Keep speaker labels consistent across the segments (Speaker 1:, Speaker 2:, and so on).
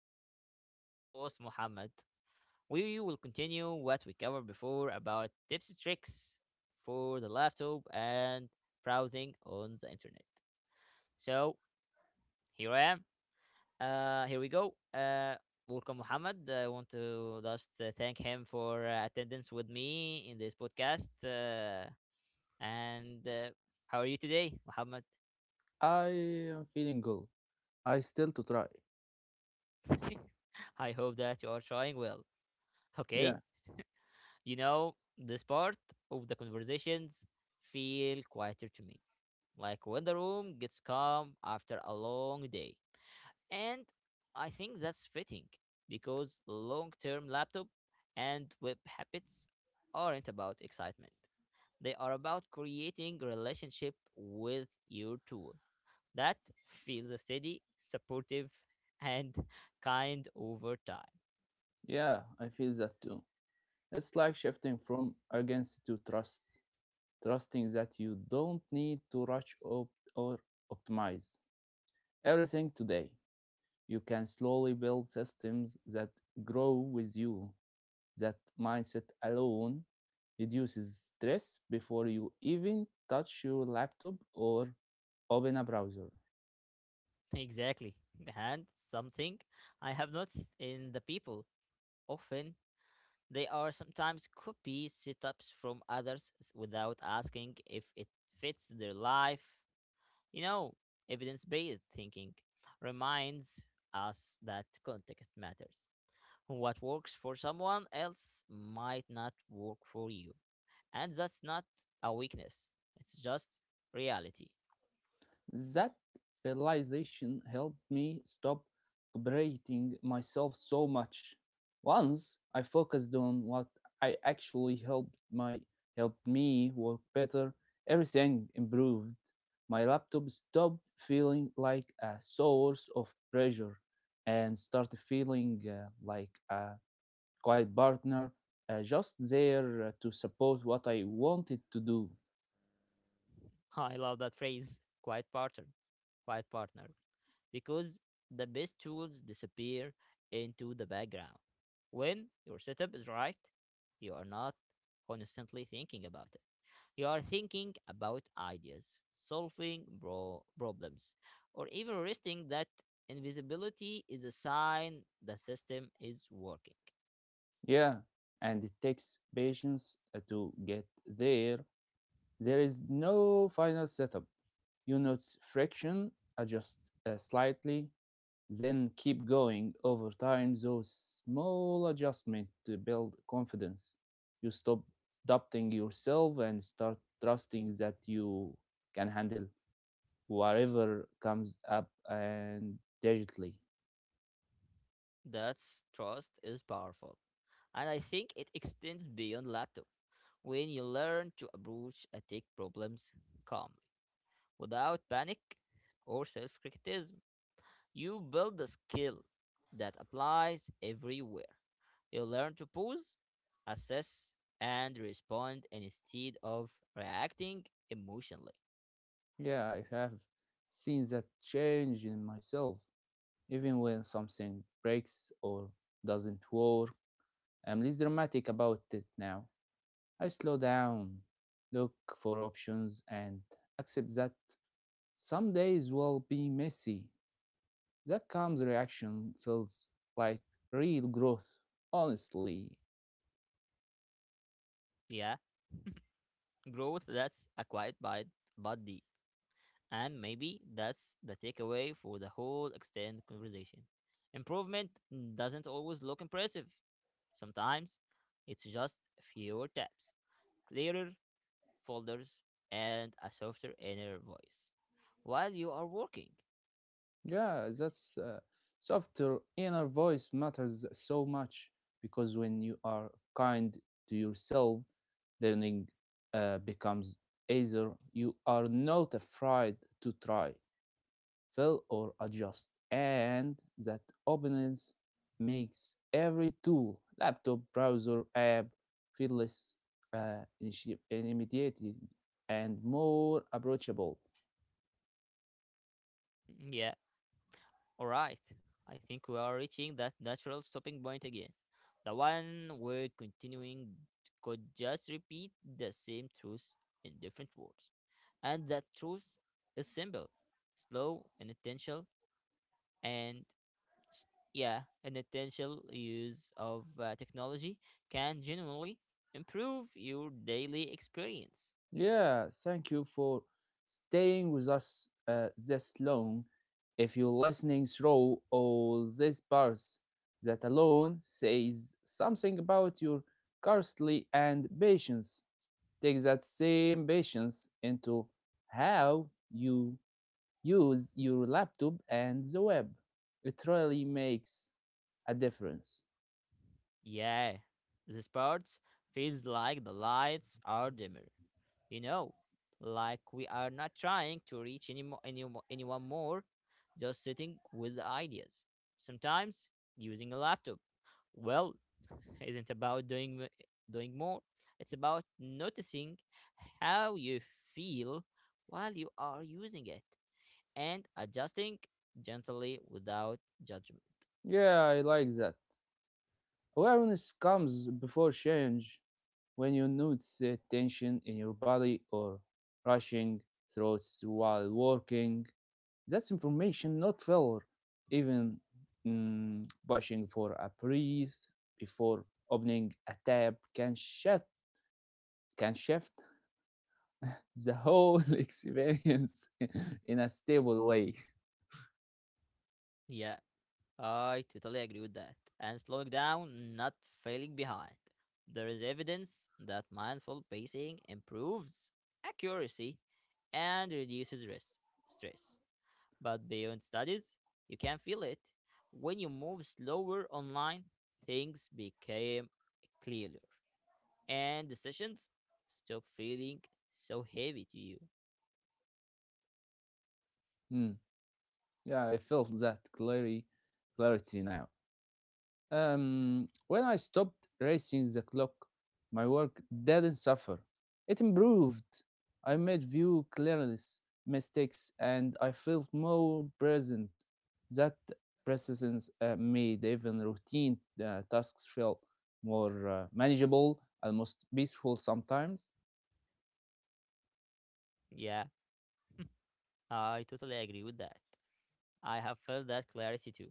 Speaker 1: Abdurrahman and my co-host Muhammad. We will continue what we covered before about tips and tricks for the laptop and browsing on the internet. So here I am. Here we go. Welcome Muhammad. I want to just thank him for attendance with me in this podcast. And how are you today, Muhammad?
Speaker 2: I am feeling good. I still to try.
Speaker 1: I hope that you are trying well. Okay,
Speaker 2: Yeah,
Speaker 1: this part of the conversations feel quieter to me. Like when the room gets calm after a long day. And I think that's fitting because long-term laptop and web habits aren't about excitement. They are about creating a relationship with your tool that feels steady, supportive, and kind over time.
Speaker 2: yeah, I feel that too. It's like shifting from urgency to trust, trusting that you don't need to rush up or optimize everything today. You can slowly build systems that grow with you. That mindset alone reduces stress before you even touch your laptop or open a browser.
Speaker 1: Exactly. And something I have noticed in the people often, they are sometimes copy setups from others without asking if it fits their life. You know, evidence based thinking reminds us that context matters. What works for someone else might not work for you. And that's not a weakness, it's just reality.
Speaker 2: That realization helped me stop competing myself so much. Once I focused on what I actually helped me work better, everything improved. My laptop stopped feeling like a source of pressure and started feeling like a quiet partner just there to support what I wanted to do.
Speaker 1: I love that phrase, quiet partner. Quiet partner, because the best tools disappear into the background. When your setup is right, you are not constantly thinking about it. You are thinking about ideas, solving problems, or even resting that invisibility is a sign the system is working.
Speaker 2: Yeah, and it takes patience to get there. There is no final setup. You notice friction, adjust slightly, then keep going. Over time, those small adjustments to build confidence. You stop doubting yourself and start trusting that you can handle whatever comes up and digitally.
Speaker 1: That's trust is powerful. And I think it extends beyond laptop when you learn to approach a tech problems calm without panic or self criticism. You build a skill that applies everywhere. You learn to pause, assess, and respond instead of reacting emotionally.
Speaker 2: Yeah, I have seen that change in myself. Even when something breaks or doesn't work, I'm less dramatic about it now. I slow down, look for options, and accept that some days will be messy. That calm reaction feels like real growth, honestly.
Speaker 1: Yeah, growth that's acquired by but deep. And maybe that's the takeaway for the whole extended conversation. Improvement doesn't always look impressive. Sometimes it's just fewer taps, clearer folders, and a softer inner voice while you are working.
Speaker 2: Yeah, that's softer inner voice matters so much because when you are kind to yourself, learning becomes easier. You are not afraid to try, fail, or adjust, and that openness makes every tool, laptop, browser, app, feel less intimidating and more approachable.
Speaker 1: Yeah, all right. I think we are reaching that natural stopping point again. The one where continuing could just repeat the same truth in different words. And that truth is simple, slow, and intentional, and s- yeah, an intentional use of technology can genuinely improve your daily experience.
Speaker 2: Yeah, thank you for staying with us this long. If you're listening through all these parts, that alone says something about your curiosity and patience. Take that same patience into how you use your laptop and the web. It really makes a difference.
Speaker 1: Yeah, this part feels like the lights are dimmer. You know, like we are not trying to reach anyone more, just sitting with the ideas. Sometimes using a laptop. Well, isn't about doing more. It's about noticing how you feel while you are using it and adjusting gently without judgment.
Speaker 2: Yeah, I like that. Awareness comes before change. When you notice a tension in your body or rushing throats while working, that's information, not failure. Even pushing for a breath before opening a tab can shift the whole experience in a stable way.
Speaker 1: Yeah. I totally agree with that. And slowing down, not failing behind. There is evidence that mindful pacing improves accuracy and reduces risk, stress. But beyond studies, you can feel it. When you move slower online, things became clearer and decisions stop feeling so heavy to you.
Speaker 2: Mm, Yeah, I felt that clarity now. When I stopped racing the clock, my work didn't suffer. It improved. I made few clearness mistakes, and I felt more present. That presence made even routine tasks feel more manageable, almost peaceful sometimes.
Speaker 1: Yeah, I totally agree with that. I have felt that clarity too.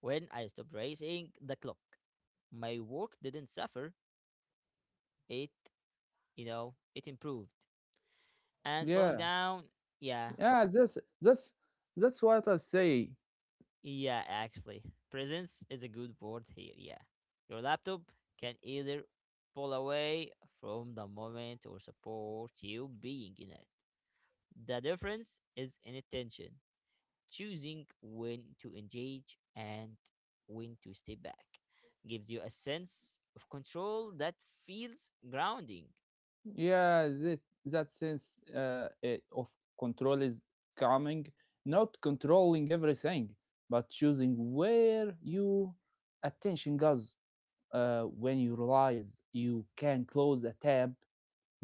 Speaker 1: When I stopped racing the clock, my work didn't suffer. It, it improved. And slowing
Speaker 2: Yeah,
Speaker 1: down, yeah,
Speaker 2: yeah, that's that's what I say.
Speaker 1: yeah, actually. Presence is a good word here, yeah. Your laptop can either pull away from the moment or support you being in it. The difference is in attention, choosing when to engage and when to stay back gives you a sense of control that feels grounding.
Speaker 2: Yeah, that sense of control is coming, not controlling everything, but choosing where your attention goes. When you realize you can close a tab,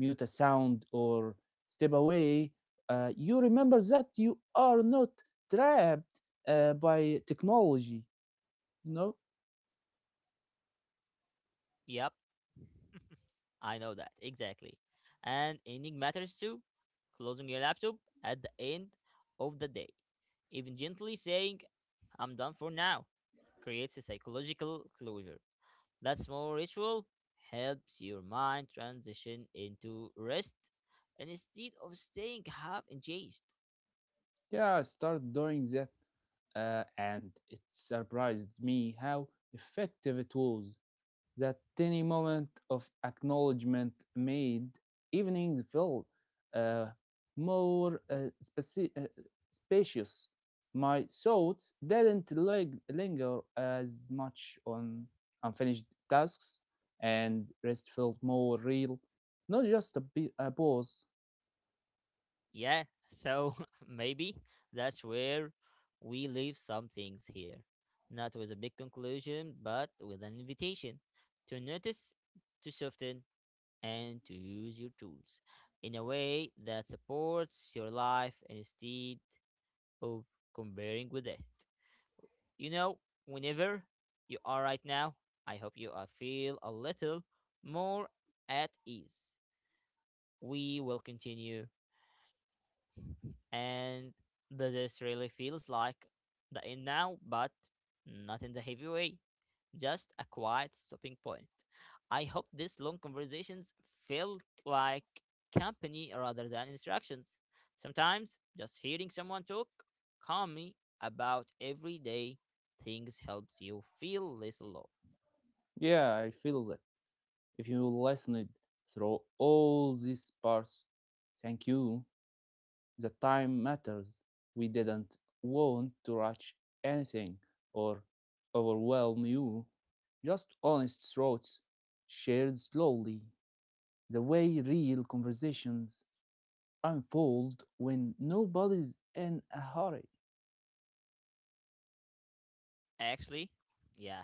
Speaker 2: mute a sound, or step away, you remember that you are not trapped by technology. You know?
Speaker 1: Yep, I know that. Exactly. And ending matters too. Closing your laptop at the end of the day, even gently saying, I'm done for now, creates a psychological closure. That small ritual helps your mind transition into rest instead of staying half engaged.
Speaker 2: Yeah, start doing that, and it surprised me how effective it was. That tiny moment of acknowledgement made evening feel uh, more uh, speci- uh, spacious. My thoughts didn't linger as much on unfinished tasks, and rest felt more real, not just a pause.
Speaker 1: Yeah, so maybe that's where we leave some things here. Not with a big conclusion, but with an invitation to notice, to soften, and to use your tools in a way that supports your life instead of comparing with it. You know, whenever you are right now, I hope you are feel a little more at ease. We will continue and this really feels like the end now, but not in the heavy way, just a quiet stopping point. I hope these long conversations felt like company rather than instructions. Sometimes just hearing someone talk calmly about everyday things helps you feel less alone.
Speaker 2: Yeah, I feel that. If you listened through all these parts, thank you. The time matters. We didn't want to rush anything or overwhelm you. Just honest thoughts shared slowly. The way real conversations unfold when nobody's in a hurry.
Speaker 1: Actually, yeah,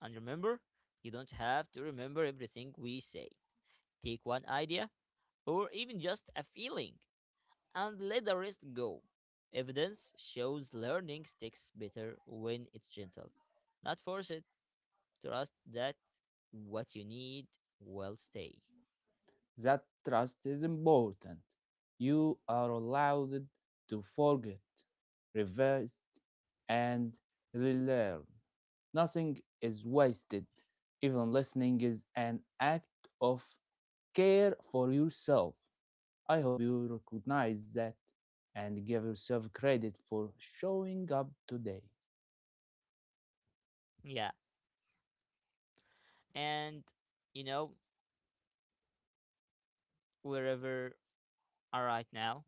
Speaker 1: and remember, you don't have to remember everything we say. Take one idea or even just a feeling and let the rest go. Evidence shows learning sticks better when it's gentle. Not force it. Trust that what you need will stay.
Speaker 2: That trust is important. You are allowed to forget, reverse, and relearn. Nothing is wasted. Even listening is an act of care for yourself. I hope you recognize that and give yourself credit for showing up today.
Speaker 1: Yeah. And, you know, wherever are right now,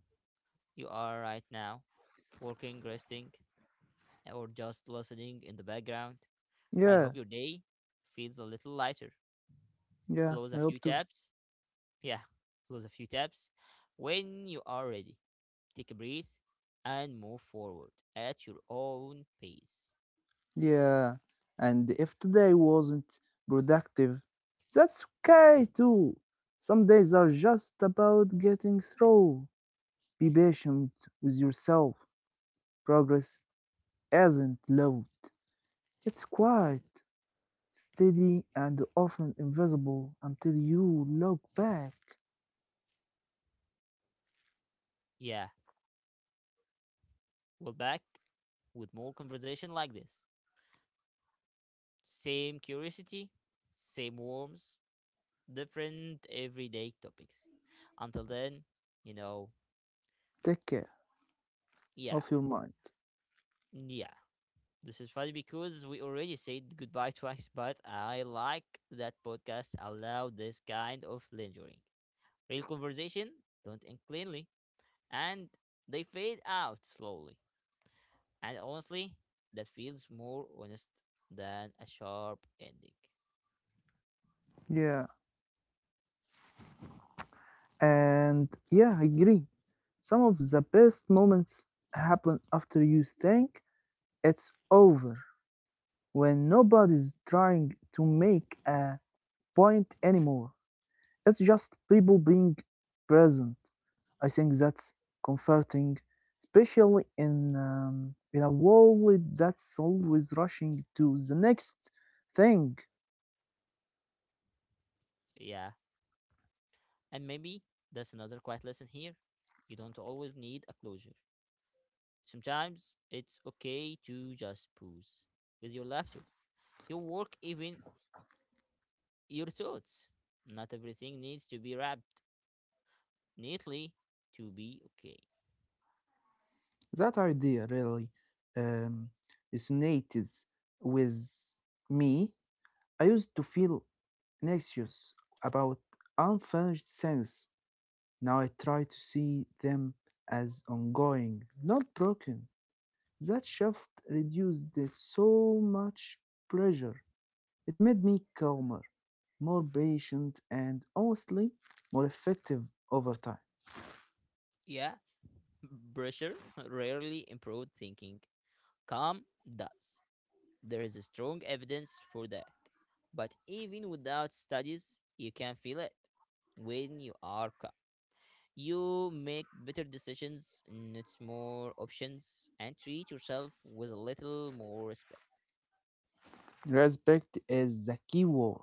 Speaker 1: you are right now, working, resting, or just listening in the background, I
Speaker 2: Yeah,
Speaker 1: hope your day feels a little lighter.
Speaker 2: yeah,
Speaker 1: Close
Speaker 2: I
Speaker 1: a
Speaker 2: hope
Speaker 1: few
Speaker 2: to.
Speaker 1: tabs. Yeah, close a few tabs. When you are ready, take a breath and move forward at your own pace.
Speaker 2: Yeah, and if today wasn't productive, that's okay too. Some days are just about getting through. Be patient with yourself. Progress isn't loud, it's quiet, steady, and often invisible until you look back.
Speaker 1: Yeah, we're back with more conversation like this. Same curiosity, same warmth, different everyday topics. Until then, you know,
Speaker 2: Take care
Speaker 1: yeah,
Speaker 2: of your mind.
Speaker 1: yeah. This is funny because we already said goodbye twice, but I like that podcasts allow this kind of lingering. Real conversation, don't end cleanly, and they fade out slowly. And honestly, that feels more honest than a sharp ending.
Speaker 2: Yeah, and yeah, I agree. Some of the best moments happen after you think it's over when nobody's trying to make a point anymore. It's just people being present. I think that's comforting, especially in a world that's always rushing to the next thing.
Speaker 1: Yeah, and maybe that's another quiet lesson here. You don't always need a closure. Sometimes it's okay to just pause with your laughter, your work, even your thoughts. Not everything needs to be wrapped neatly to be okay.
Speaker 2: That idea really um, resonates with me. I used to feel anxious about unfinished things. Now I try to see them as ongoing, not broken. That shift reduced so much pressure. It made me calmer, more patient, and honestly, more effective over time.
Speaker 1: Yeah, pressure rarely improved thinking. Calm does. There is strong evidence for that. But even without studies, you can feel it. When you are calm, you make better decisions, it's more options, and treat yourself with a little more respect.
Speaker 2: Respect is the key word.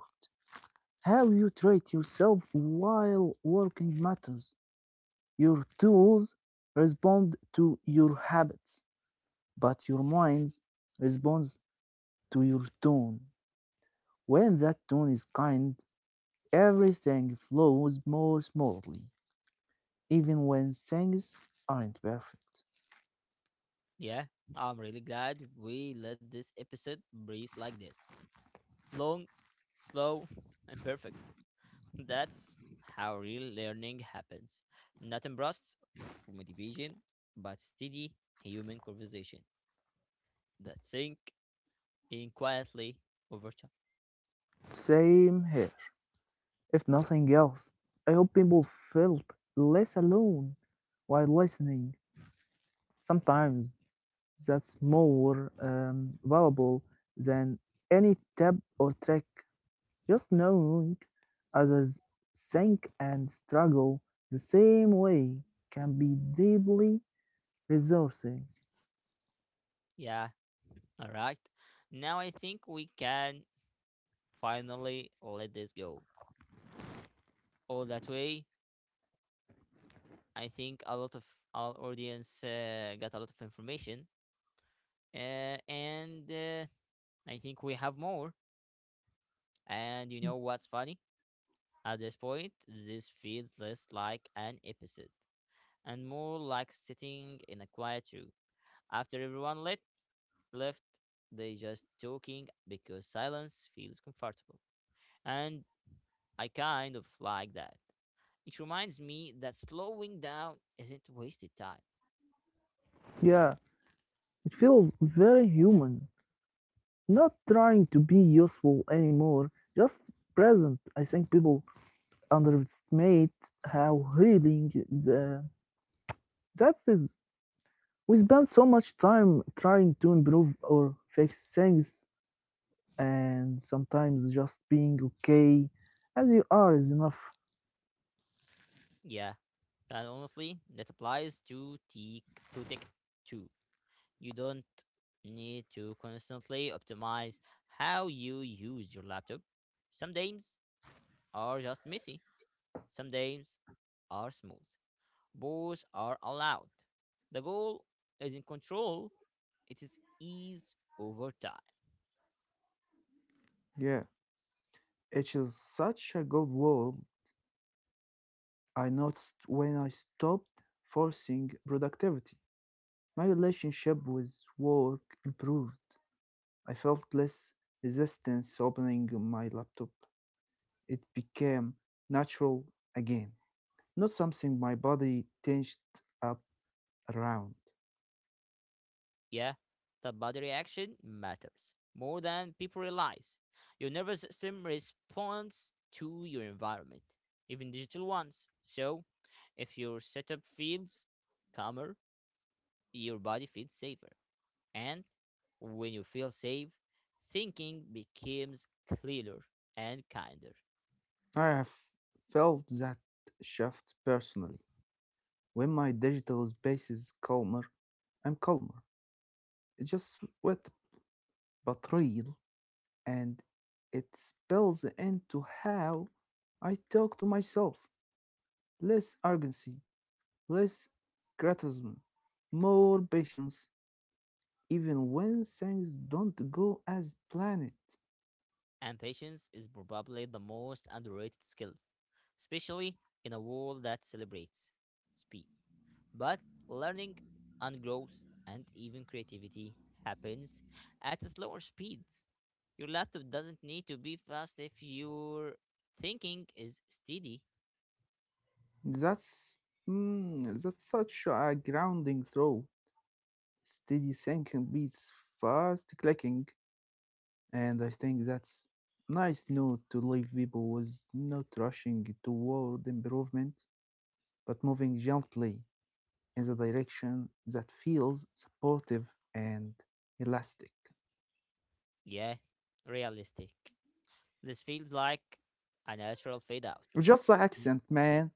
Speaker 2: How you treat yourself while working matters. Your tools respond to your habits, but your mind responds to your tone. When that tone is kind, everything flows more smoothly, even when things aren't perfect.
Speaker 1: Yeah, I'm really glad we let this episode breathe like this. Long, slow, and perfect. That's how real learning happens. Not in bursts of motivation, but steady human conversation that sink in quietly over chat.
Speaker 2: Same here. If nothing else, I hope people felt less alone while listening. Sometimes that's more valuable than any tip or trick. Just knowing others think and struggle the same way can be deeply resourcing.
Speaker 1: Yeah, all right. Now I think we can finally let this go. All that way, I think a lot of our audience got a lot of information, and I think we have more. And you know what's funny? At this point, this feels less like an episode and more like sitting in a quiet room. After everyone left, they just talking because silence feels comfortable. And I kind of like that. It reminds me that slowing down isn't wasted time.
Speaker 2: Yeah, it feels very human, not trying to be useful anymore, just present. I think people underestimate how healing the that is. We spend so much time trying to improve or fix things, and sometimes just being okay as you are is enough.
Speaker 1: Yeah, and honestly, that applies to tech too. You don't need to constantly optimize how you use your laptop. Some days are just messy, some days are smooth. Both are allowed. The goal is not control, it is ease over time.
Speaker 2: Yeah, it is such a good word. I noticed when I stopped forcing productivity. My relationship with work improved. I felt less resistance opening my laptop. It became natural again, not something my body tensed up around.
Speaker 1: Yeah, the body reaction matters more than people realize. Your nervous system responds to your environment, even digital ones. So, if your setup feels calmer, your body feels safer. And when you feel safe, thinking becomes clearer and kinder.
Speaker 2: I have felt that shift personally. When my digital space is calmer, I'm calmer. It's just wet but real, and it spills into how I talk to myself. Less urgency, less criticism, more patience, even when things don't go as planned.
Speaker 1: And patience is probably the most underrated skill, especially in a world that celebrates speed. But learning and growth and even creativity happens at a slower speed. Your laptop doesn't need to be fast if your thinking is steady.
Speaker 2: That's that's such a grounding throw. Steady sinking beats fast clicking, and I think that's nice note to leave people with, not rushing toward improvement, but moving gently in the direction that feels supportive and elastic.
Speaker 1: Yeah, realistic. This feels like a natural fade out.
Speaker 2: Just the
Speaker 1: Mm,
Speaker 2: accent, man.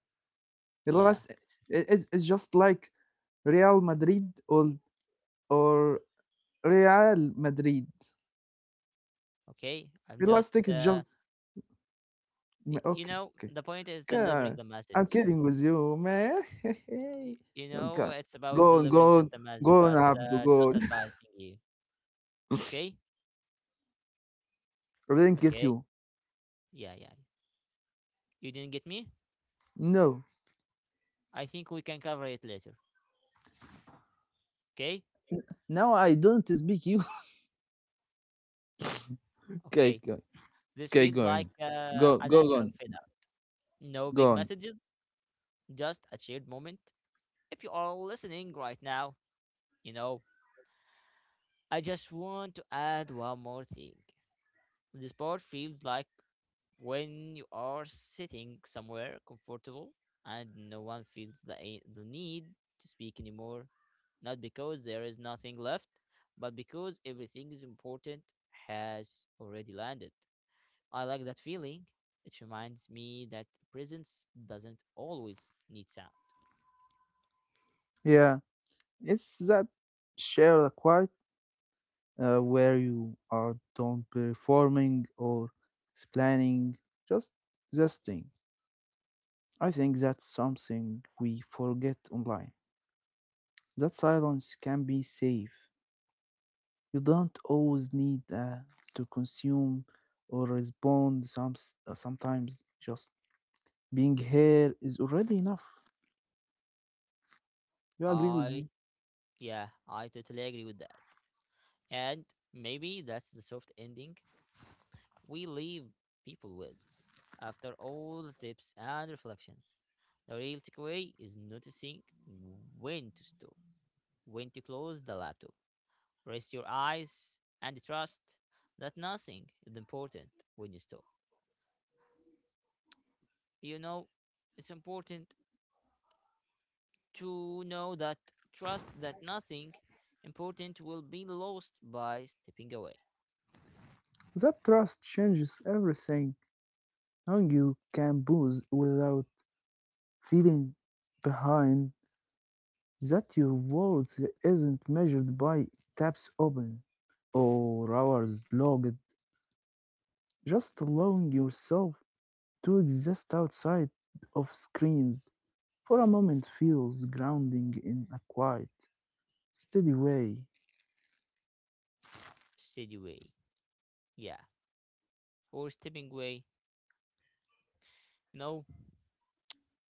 Speaker 1: Yeah,
Speaker 2: Elast- it- it's just like Real Madrid or or Real Madrid.
Speaker 1: okay. I'm just,
Speaker 2: Plastic
Speaker 1: uh,
Speaker 2: Jug.
Speaker 1: y-
Speaker 2: M
Speaker 1: you
Speaker 2: Okay,
Speaker 1: know,
Speaker 2: okay.
Speaker 1: the point is delivering
Speaker 2: God,
Speaker 1: the
Speaker 2: I'm
Speaker 1: message.
Speaker 2: kidding with you, man.
Speaker 1: You
Speaker 2: Oh
Speaker 1: know,
Speaker 2: god.
Speaker 1: it's about
Speaker 2: Go on,
Speaker 1: delivering
Speaker 2: go
Speaker 1: just
Speaker 2: on,
Speaker 1: the message,
Speaker 2: go on,
Speaker 1: but
Speaker 2: Abdu, go
Speaker 1: just
Speaker 2: on.
Speaker 1: advising you. Okay?
Speaker 2: I didn't get
Speaker 1: Okay.
Speaker 2: you.
Speaker 1: Yeah, yeah. You didn't get me?
Speaker 2: No,
Speaker 1: I think we can cover it later. Okay?
Speaker 2: now I don't speak you. Okay,
Speaker 1: Okay.
Speaker 2: okay,
Speaker 1: This
Speaker 2: okay,
Speaker 1: feels like
Speaker 2: going. Go,
Speaker 1: a
Speaker 2: go go
Speaker 1: natural
Speaker 2: on,
Speaker 1: filler. No big
Speaker 2: go on.
Speaker 1: messages, just a shared moment. If you are listening right now, you know, I just want to add one more thing. This part feels like when you are sitting somewhere comfortable and no one feels the need to speak anymore. Not because there is nothing left, but because everything is important has already landed. I like that feeling. It reminds me that presence doesn't always need sound.
Speaker 2: Yeah, it's that share the quiet where you are don't performing or explaining, just existing. I think that's something we forget online. That silence can be safe. You don't always need to consume or respond. Sometimes just being here is already enough. You agree with
Speaker 1: I,
Speaker 2: me?
Speaker 1: yeah, I totally agree with that. And maybe that's the soft ending we leave people with after all the tips and reflections. The real takeaway is noticing when to stop, when to close the laptop, rest your eyes, and trust that nothing is important when you stop. You know, it's important to know that trust that nothing important will be lost by stepping away,
Speaker 2: That trust changes everything. Now you can boost without feeling behind, that your worth isn't measured by tabs open or hours logged, just allowing yourself to exist outside of screens for a moment feels grounding in a quiet, steady way.
Speaker 1: steady way, yeah, or stepping away. You know,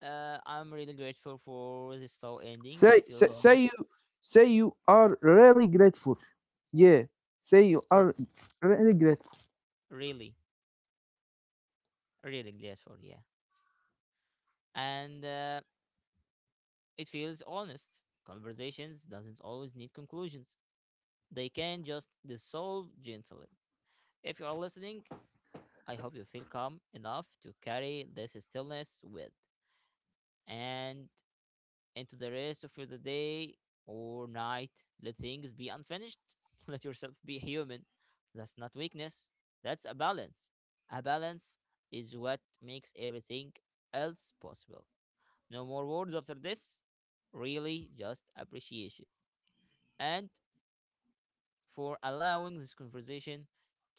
Speaker 1: I'm really grateful for this slow ending. It feels
Speaker 2: Say
Speaker 1: honest,
Speaker 2: you say you are really grateful. Yeah, say you
Speaker 1: R-
Speaker 2: are really grateful.
Speaker 1: really, really grateful, yeah, and it feels honest. Conversations doesn't always need conclusions. They can just dissolve gently. If you are listening, I hope you feel calm enough to carry this stillness with. And into the rest of the day or night. Let things be unfinished. Let yourself be human. That's not weakness. That's a balance. A balance is what makes everything else possible. No more words after this. Really, just appreciation. And for allowing this conversation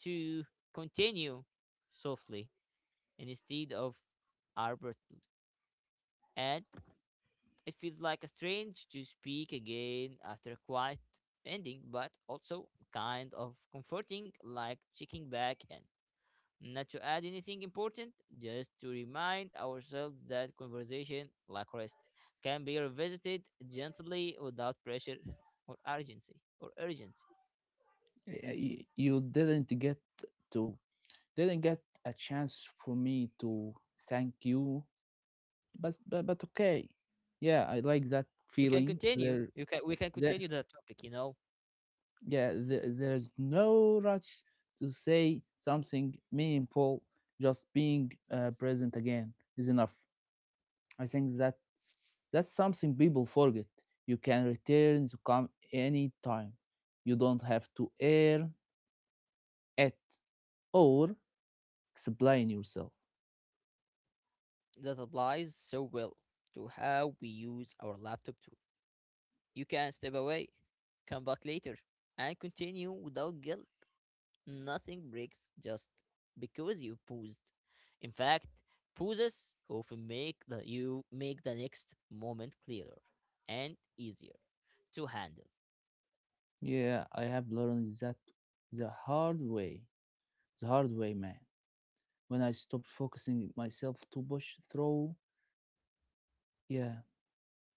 Speaker 1: to continue softly instead of abruptly. And it feels like a strange to speak again after a quiet ending, but also kind of comforting, like checking back in. Not to add anything important, just to remind ourselves that conversation, like rest, can be revisited gently without pressure or urgency.
Speaker 2: You didn't get to didn't get a chance for me to thank you, but okay. Yeah, I like that
Speaker 1: You can
Speaker 2: feeling.
Speaker 1: continue.
Speaker 2: There,
Speaker 1: You can we can
Speaker 2: there
Speaker 1: continue that topic, you know.
Speaker 2: Yeah, there is no rush to say something meaningful. Just being present again is enough. I think that's something people forget. You can return to come anytime. You don't have to earn it or explain yourself.
Speaker 1: That applies so well to how we use our laptop to you can step away, come back later, and continue without guilt. Nothing breaks just because you paused. In fact, pauses often make the you make the next moment clearer and easier to handle
Speaker 2: Yeah, I have learned that the hard way. The hard way, man. When I stopped focusing myself to push through, yeah,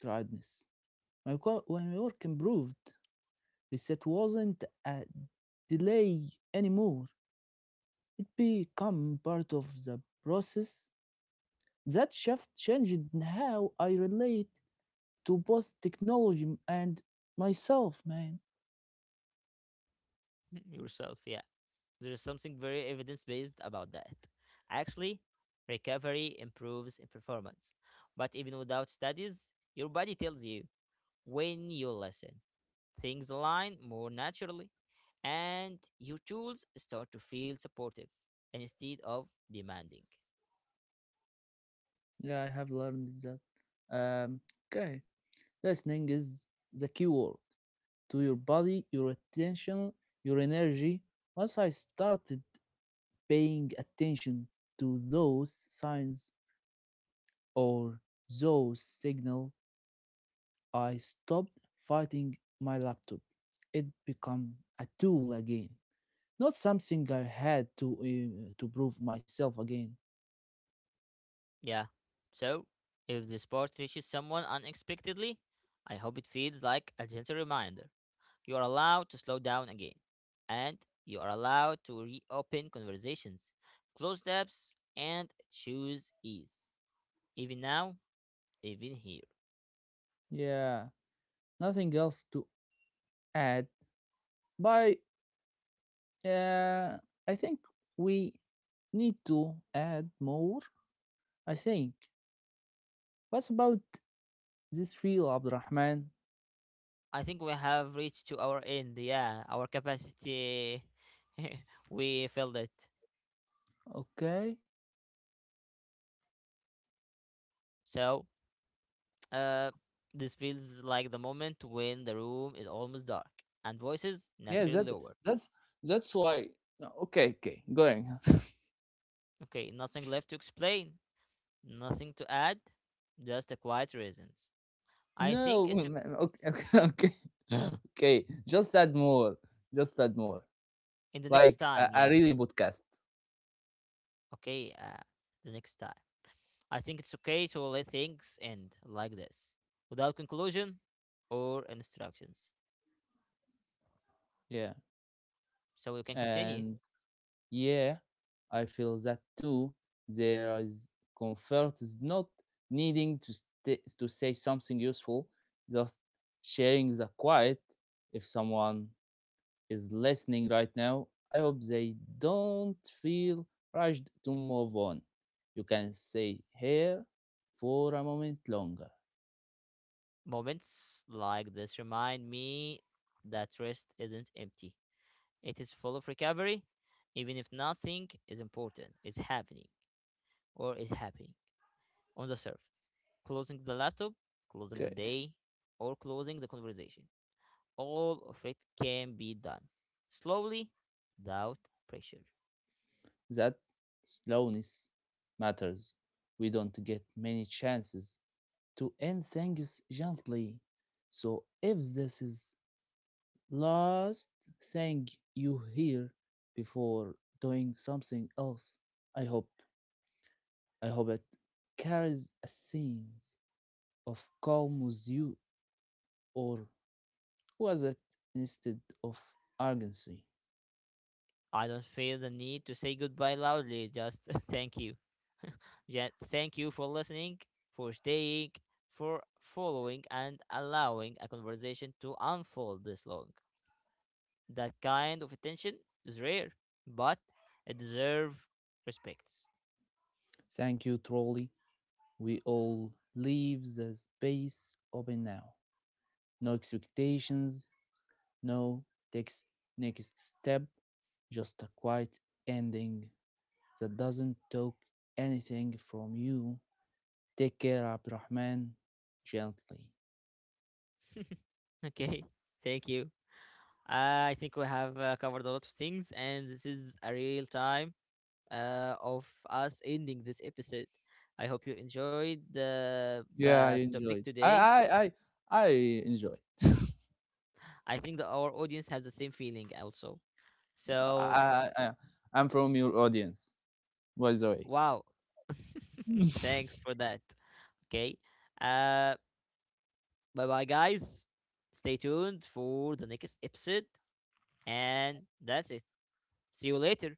Speaker 2: tiredness. When my work improved, reset wasn't a delay anymore. It became part of the process. That shift changed how I relate to both technology and myself, man.
Speaker 1: yourself. Yeah, there's something very evidence based about that. Actually, recovery improves in performance, but even without studies, your body tells you when you listen things align more naturally, and your tools start to feel supportive instead of demanding.
Speaker 2: Yeah, I have learned that. Um, okay, listening is the key word to your body, your attention, your energy. Once I started paying attention to those signs or those signals, I stopped fighting my laptop. It became a tool again, not something I had to prove myself again.
Speaker 1: Yeah. So, if this part reaches someone unexpectedly, I hope it feels like a gentle reminder. You are allowed to slow down again, and you are allowed to reopen conversations, close tabs, and choose ease, even now, even here.
Speaker 2: Yeah, nothing else to add. But uh, I think we need to add more. I think. What's about this feel, Abdurrahman?
Speaker 1: I think we have reached to our end. Yeah, our capacity, we filled it.
Speaker 2: Okay.
Speaker 1: So, uh, this feels like the moment when the room is almost dark and voices
Speaker 2: Yeah,
Speaker 1: naturally
Speaker 2: that's
Speaker 1: lower.
Speaker 2: that's that's why. No, okay, okay, going.
Speaker 1: Okay, nothing left to explain, nothing to add, just a quiet reasons. I think
Speaker 2: No, okay, okay. Just add more. Just add more.
Speaker 1: in the next
Speaker 2: Like
Speaker 1: time.
Speaker 2: a
Speaker 1: Yeah.
Speaker 2: really podcast.
Speaker 1: Okay. The next time. I think it's okay to let things end like this without conclusion or instructions.
Speaker 2: Yeah,
Speaker 1: So we can continue.
Speaker 2: and yeah, I feel that too. There is comfort is not needing to say something useful, just sharing the quiet. If someone is listening right now, I hope they don't feel rushed to move on. You can stay here for a moment longer.
Speaker 1: Moments like this remind me that rest isn't empty, it is full of recovery, even if nothing is important, is happening, or is happening on the surface. Closing the laptop, closing
Speaker 2: Okay.
Speaker 1: the day, or closing the conversation. All of it can be done slowly, without pressure.
Speaker 2: That slowness matters. We don't get many chances to end things gently. So if this is last thing you hear before doing something else, I hope I hope it carries a sense of calm with you. Or was it instead of urgency?
Speaker 1: I don't feel the need to say goodbye loudly, just thank you. Yet, thank you for listening, for staying, for following, and allowing a conversation to unfold this long. That kind of attention is rare, but it deserves respects.
Speaker 2: Thank you, trolley. We all leave the space open now. No expectations, no text next step, just a quiet ending that doesn't take anything from you. Take care, Abdurrahman, gently.
Speaker 1: okay, thank you. I think we have covered a lot of things, and this is a real time of us ending this episode. I hope you enjoyed the
Speaker 2: Yeah,
Speaker 1: the
Speaker 2: I
Speaker 1: topic
Speaker 2: enjoyed.
Speaker 1: today.
Speaker 2: I enjoyed.
Speaker 1: I think that our audience has the same feeling also.
Speaker 2: I,
Speaker 1: So
Speaker 2: I I- I'm from your audience, by the way.
Speaker 1: Wow. Thanks for that. Okay. Uh, bye bye guys. Stay tuned for the next episode and that's it. See you later.